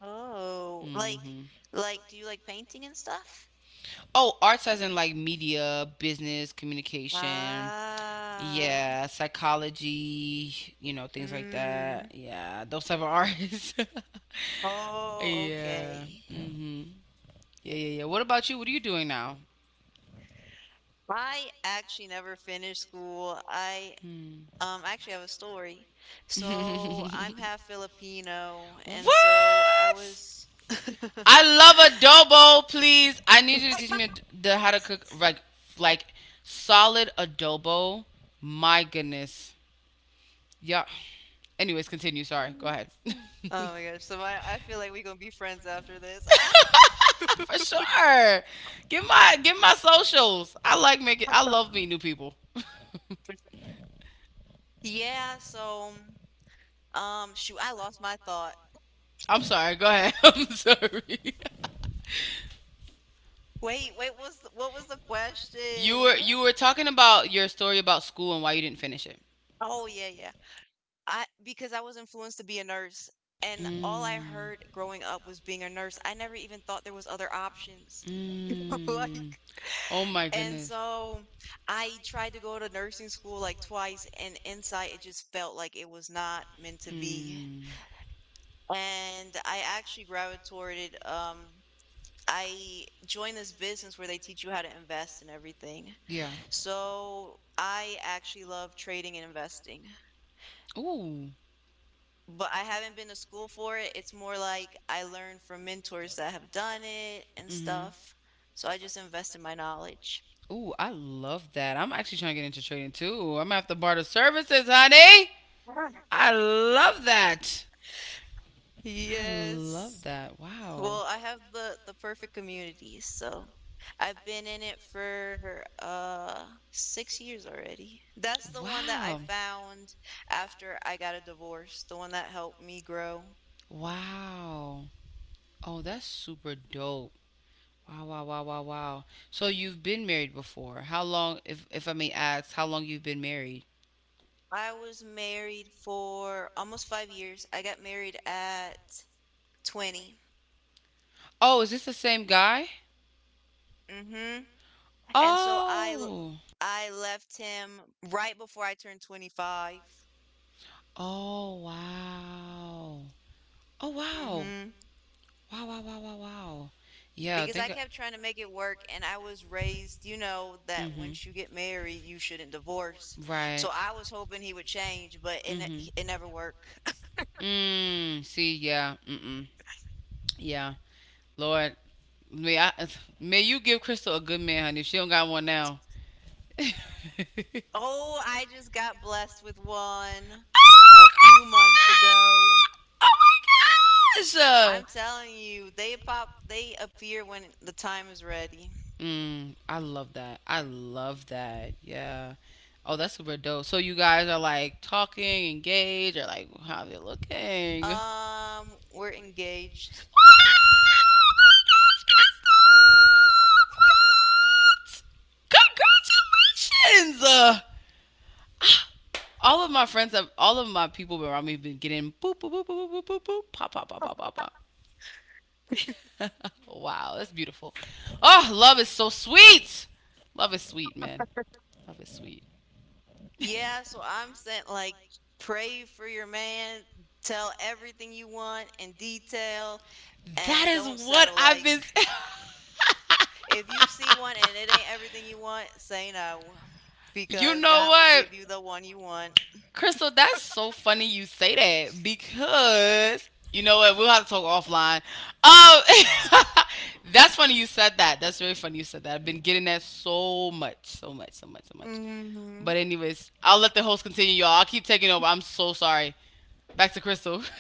A: Oh, like
B: Hmm.
A: like do you like painting and stuff?
B: Oh, arts as in like media, business, communication.
A: Ah.
B: Yeah, psychology, you know, things like that.
A: Mm.
B: Yeah, those type of artists. *laughs*
A: Oh,
B: Yeah.
A: okay.
B: Mhm. Yeah, yeah, yeah. What about you? What are you doing now?
A: I actually never finished school. I
B: Hmm.
A: Actually, I have a story. So I'm
B: *laughs*
A: half Filipino, and so
B: What?
A: I was. *laughs*
B: I love adobo, please. I need you to teach me the, how to cook like solid adobo. My goodness. Yeah. Anyways, continue. Sorry. Go ahead. *laughs*
A: Oh my gosh! So I feel like we're gonna be friends after this. Ah!
B: After this. *laughs* For sure. Give my socials. I like making. I love meeting new people.
A: *laughs* Yeah. So, shoot, I lost my thought.
B: *laughs* I'm sorry. Go ahead. *laughs* I'm sorry. *laughs*
A: Wait, wait. What was the
B: you
A: question?
B: were you were talking about your story about school and why you didn't finish it.
A: Oh yeah, yeah. I, because I was influenced to be a nurse,
B: All I.
A: and all I
B: Mm.
A: heard growing up was being a nurse. I never even thought there was other options. *laughs*
B: Mm.
A: Like,
B: Oh my
A: and
B: goodness.
A: so I tried to go to nursing school like twice, and inside it just felt like it was not meant to be.
B: Mm.
A: And I actually gravitated, I joined this business where they teach you how to invest and everything.
B: Yeah.
A: So I actually love trading and investing.
B: Ooh.
A: But I haven't been to school for it. It's more like I learned from mentors that have done it and
B: Mm-hmm.
A: stuff. So I just invest in my knowledge.
B: Ooh, I love that. I'm actually trying to get into trading too. I'm gonna have to barter services, honey.
A: *laughs*
B: I love that. I love
A: Yes.
B: that. Wow.
A: Well, I have the perfect community, so I've been in it for 6 years already. That's the one that I
B: Wow.
A: found after I got a divorce, the one that helped me grow.
B: Wow. Oh, that's super dope. Wow, wow, wow, wow, wow. So you've been married before. How long, if I may ask, how long you've been married?
A: I was married for almost 5 years. I got married at 20.
B: Oh, is this the same guy?
A: Mm-hmm. And so
B: Oh.
A: I left him right before I turned 25.
B: Oh, wow. Oh, wow.
A: Mm-hmm.
B: Wow, wow, wow, wow, wow. Yeah, I
A: Because I
B: think.
A: kept trying to make it work, and I was raised, you know, that
B: Mm-hmm.
A: once you get married, you shouldn't divorce.
B: Right.
A: So I was hoping he would change, but
B: Mm-hmm.
A: it never worked. *laughs*
B: Mm, see, yeah. Mm-mm. Yeah. Lord, may I may you give Crystal a good man, honey. If she don't got one now. *laughs* Oh
A: Oh, I just got blessed with one a few months ago.
B: my gosh. I'm.
A: I'm telling you, they pop, they appear when the time is ready.
B: Mm, I love that. I love that. Yeah. Oh, that's super dope. So you guys are like talking, engaged, or like how they're looking.
A: We're engaged.
B: Congratulations! *gasps* All of my friends have all of my people around me have been getting boop boop boop boop boop boop boop pop pop pop pop pop pop. *laughs* Wow, that's beautiful. Oh, love is so sweet. Love is sweet, man. Love is sweet.
A: Yeah, so I'm saying, like, pray for your man, tell everything you want in detail,
B: *laughs* That
A: and
B: is
A: don't
B: what
A: settle.
B: I've
A: Like,
B: been.
A: if you see one and it ain't everything you want, say no
B: *laughs* You
A: because
B: know
A: God will
B: what?
A: give you the one you want.
B: Crystal, that's so funny you say that because you know what? We'll have to talk offline. Um, *laughs* that's funny you said that. That's very funny you said that. I've been getting that so much, so much, so much, so much.
A: Hmm.
B: But anyways, I'll let the host continue, y'all. I'll keep taking over. I'm so sorry. Back to Crystal. *laughs*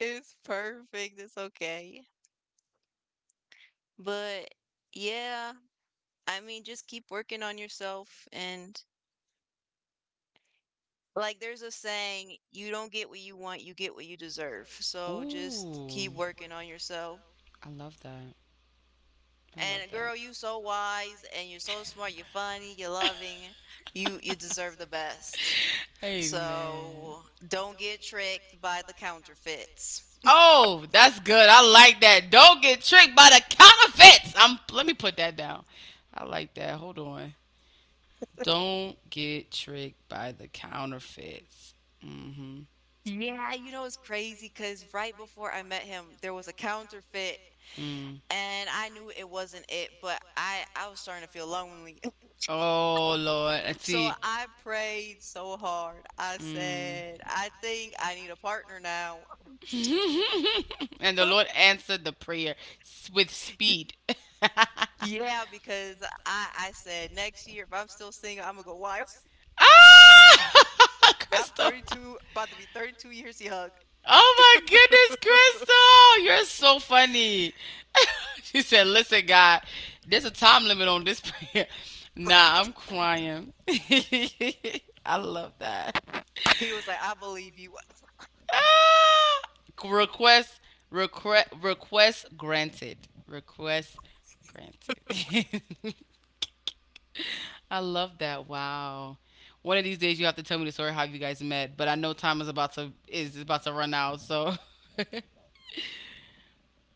A: It's perfect. It's okay. But yeah, I mean, just keep working on yourself. And like there's a saying, you don't get what you want, you get what you deserve. So just
B: Ooh,
A: keep working on yourself.
B: I love that. I love
A: And
B: that.
A: girl, you so wise and you're so smart, you're funny, you're loving. You deserve the best.
B: *laughs* Amen.
A: So don't get tricked by the counterfeits.
B: Oh, that's good. I like that. Don't get tricked by the counterfeits. I'm let me put that down. I like that. Hold on. Don't get tricked by the counterfeits. Mm. Mhm.
A: Yeah, you know, it's crazy because right before I met him, there was a counterfeit
B: Mm.
A: and I knew it wasn't it, but I was starting to feel lonely. *laughs*
B: Oh Lord, I.
A: So I prayed so hard. I said, I
B: *laughs*
A: think I need a partner now.
B: Now. *laughs* And the
A: *laughs*
B: Lord
A: Y-
B: answered the prayer s- with speed. *laughs* Yeah,
A: Yeah, because I said next year, if I'm still single, I'm gonna go wild.
B: wow, ah, *laughs* I'm
A: *laughs* I'm
B: Crystal.
A: 32, about to be 32 years young.
B: Oh my goodness, Crystal, you're so funny. *laughs* She said, "Listen, God, there's a time limit on this prayer." *laughs* Nah, I'm crying. *laughs* I love that.
A: He was like, I believe you.
B: Ah, request, request, request granted. Request granted. *laughs* I love that. Wow. One of these days, you have to tell me the story how you guys met. But I know time is about to run out, so. *laughs*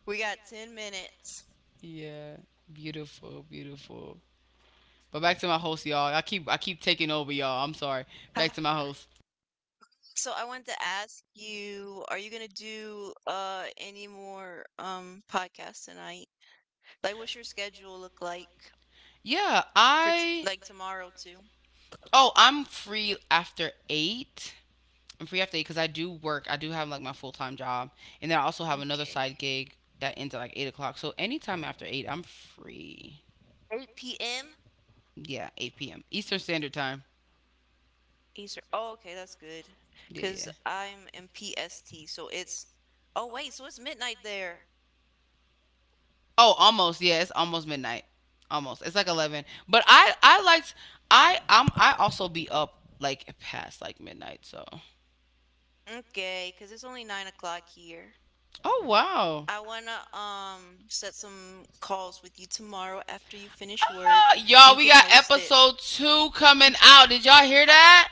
A: We got 10 minutes.
B: Yeah, beautiful, beautiful. But back to my host, y'all. I keep taking over, y'all. I'm sorry. Back
A: *laughs*
B: to my host.
A: So I wanted to ask you, are you gonna do any more podcasts tonight? Like, what's your schedule look like
B: Yeah,
A: for t
B: I.
A: like tomorrow too?
B: Oh, I'm free after eight. I'm free after eight because I do work. I do have like my full time job, and then I also have another
A: Okay.
B: side gig that ends at like 8 o'clock. So anytime after eight, I'm free.
A: 8 p.m.
B: Yeah, eight p.m. Eastern Standard Time.
A: Eastern. Oh, okay, that's good.
B: Yeah,
A: Because
B: yeah,
A: 'Cause I'm in PST, so
B: yeah.
A: it's, oh wait, so it's midnight there.
B: Oh, almost. Yeah, it's almost midnight. Almost. It's like eleven. But I liked. I also be up like past like midnight. So
A: Okay, cause it's only 9 o'clock here.
B: oh wow.
A: I wanna, um, set some calls with you tomorrow after you finish
B: Ah,
A: work.
B: y'all,
A: You
B: we
A: can
B: got
A: host it.
B: episode two coming out. Did y'all hear that?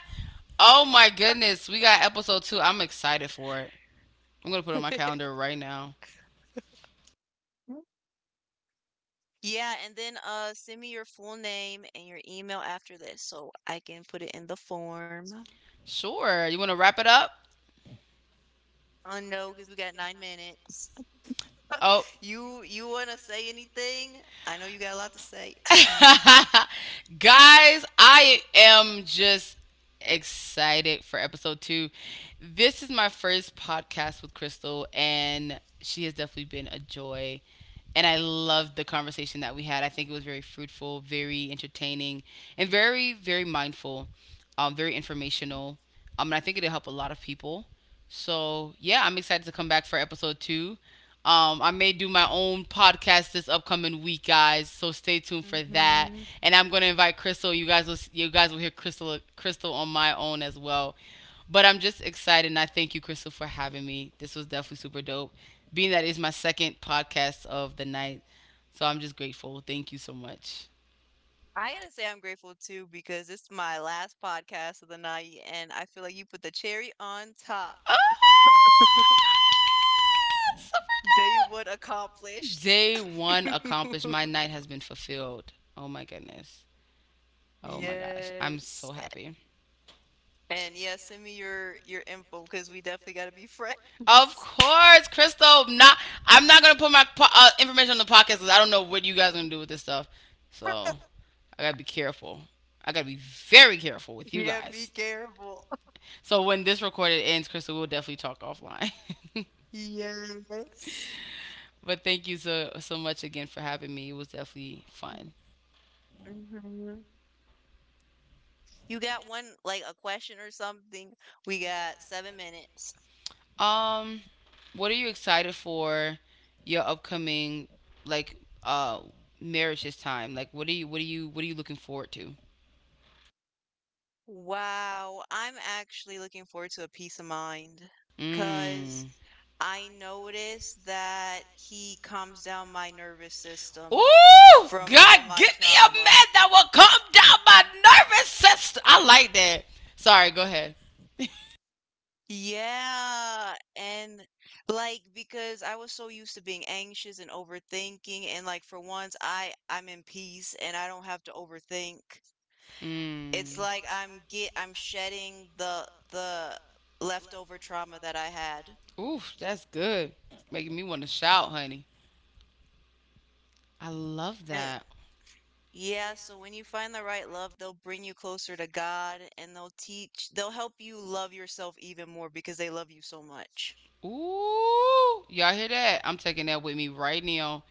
B: Oh my goodness, we got episode two. I'm excited for it. I'm gonna put it on my calendar
A: *laughs*
B: right now.
A: Yeah, and then, uh, send me your full name and your email after this so I can put it in the form.
B: Sure. You wanna wrap it up?
A: Oh no, because we got 9 minutes.
B: Oh.
A: You you wanna say anything? I know you got a lot to say.
B: *laughs* Guys, I am just excited for episode two. This is my first podcast with Crystal, and she has definitely been a joy. And I loved the conversation that we had. I think it was very fruitful, very entertaining, and very, very mindful, very informational. And I think it'll help a lot of people. So, yeah, I'm excited to come back for episode two. I may do my own podcast this upcoming week, guys. So stay tuned for
A: *laughs*
B: that.
A: Hmm.
B: And I'm gonna invite Crystal. You guys will hear Crystal on my own as well. But I'm just excited, and I thank you, Crystal, for having me. This was definitely super dope. Being that it's my second podcast of the night, so I'm just grateful. Thank you so much.
A: I gotta say I'm grateful too because it's my last podcast of the night and I feel like you put the cherry on top.
B: Ah, super
A: Day one
B: dope.
A: accomplished.
B: Day one accomplished. My
A: *laughs*
B: night has been fulfilled. Oh my goodness. Oh my gosh. I'm so
A: Yes.
B: happy.
A: And yeah, send me your info because we definitely gotta be
B: Of
A: friends. *laughs*
B: course, Crystal. Not. I'm not gonna put my po- information on the podcast because I don't know what you guys are gonna do with this stuff. So I gotta be careful. I gotta be very careful with you
A: Yeah, be
B: guys.
A: careful. *laughs*
B: So when this recorded ends, Crystal, we'll definitely talk offline. *laughs*
A: Yes.
B: But thank you so so much again for having me. It was definitely fun.
A: Mm-hmm. You got one, like a question or something. We got 7 minutes.
B: Um, what are you excited for? Your upcoming like uh marriage this time. Like, what are you what are you what are you looking forward to?
A: Wow, I'm actually looking forward to a peace of mind because
B: Mm.
A: I noticed that he calms down my nervous system
B: Ooh,
A: from
B: God,
A: all my
B: give me a
A: trauma.
B: man that will calm down my nervous system. I like that. Sorry, go ahead.
A: Yeah, and like because I was so used to being anxious and overthinking and like for once I'm in peace and I don't have to overthink. It's
B: Mm.
A: like I'm shedding the leftover trauma that I had.
B: Ooh, that's good. Making me want to shout, honey. I love
A: And
B: that.
A: yeah, so when you find the right love, they'll bring you closer to God and they'll help you love yourself even more because they love you so much.
B: Ooh, y'all hear that? I'm taking that with me right now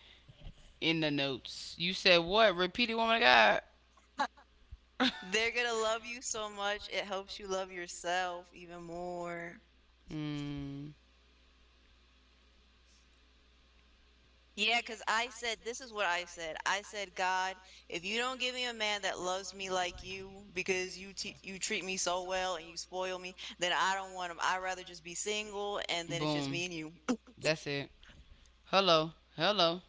B: in the notes. You said what? Repeat it, woman of God. *laughs*
A: They're gonna love you so much, it helps you love yourself even more.
B: Mm.
A: Yeah, because I said, I said, God, if you don't give me a man that loves me like you, because you treat me so well and you spoil me, then I don't want him. I'd rather just be single, and then it's just
B: Boom.
A: me and you. *laughs*
B: That's it. Hello. Hello.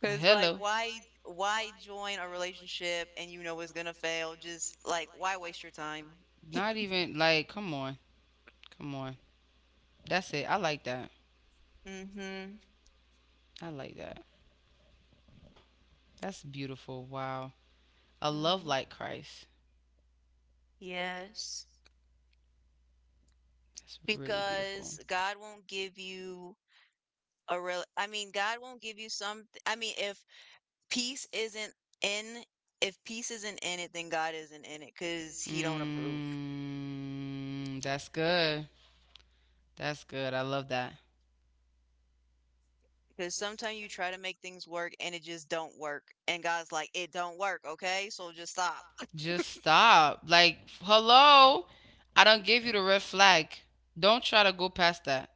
A: Because like,
B: Hello.
A: why join a relationship and you know it's gonna fail? Just like, why waste your time?
B: Not even like, come on, come on. That's it. I like that.
A: Mm-hmm.
B: I like that. That's beautiful. Wow. A love
A: Mm,
B: like Christ.
A: yes.
B: That's really beautiful.
A: Because God won't give you a real, I mean, God won't give you some. I mean, if Peace isn't in if peace isn't in it, then God isn't in it because he don't approve.
B: Mm, that's good. That's good. I love that.
A: Because sometimes you try to make things work and it just don't work. And God's like, it don't work, okay? So just stop.
B: Just stop. Like, hello. I don't give you the red flag. Don't try to go past that.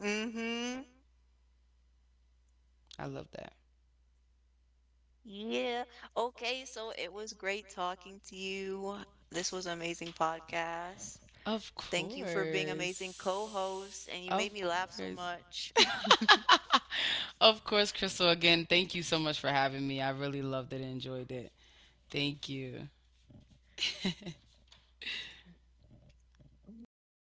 A: Mm-hmm.
B: I love that.
A: Yeah. Okay, so it was great talking to you. This was an amazing podcast.
B: Of
A: Thank you for being amazing
B: course.
A: co-host and you
B: Of
A: made me laugh so
B: course.
A: much.
B: *laughs* Of course, Crystal, again, thank you so much for having me. I really loved it and enjoyed it. Thank you. *laughs*
A: *laughs*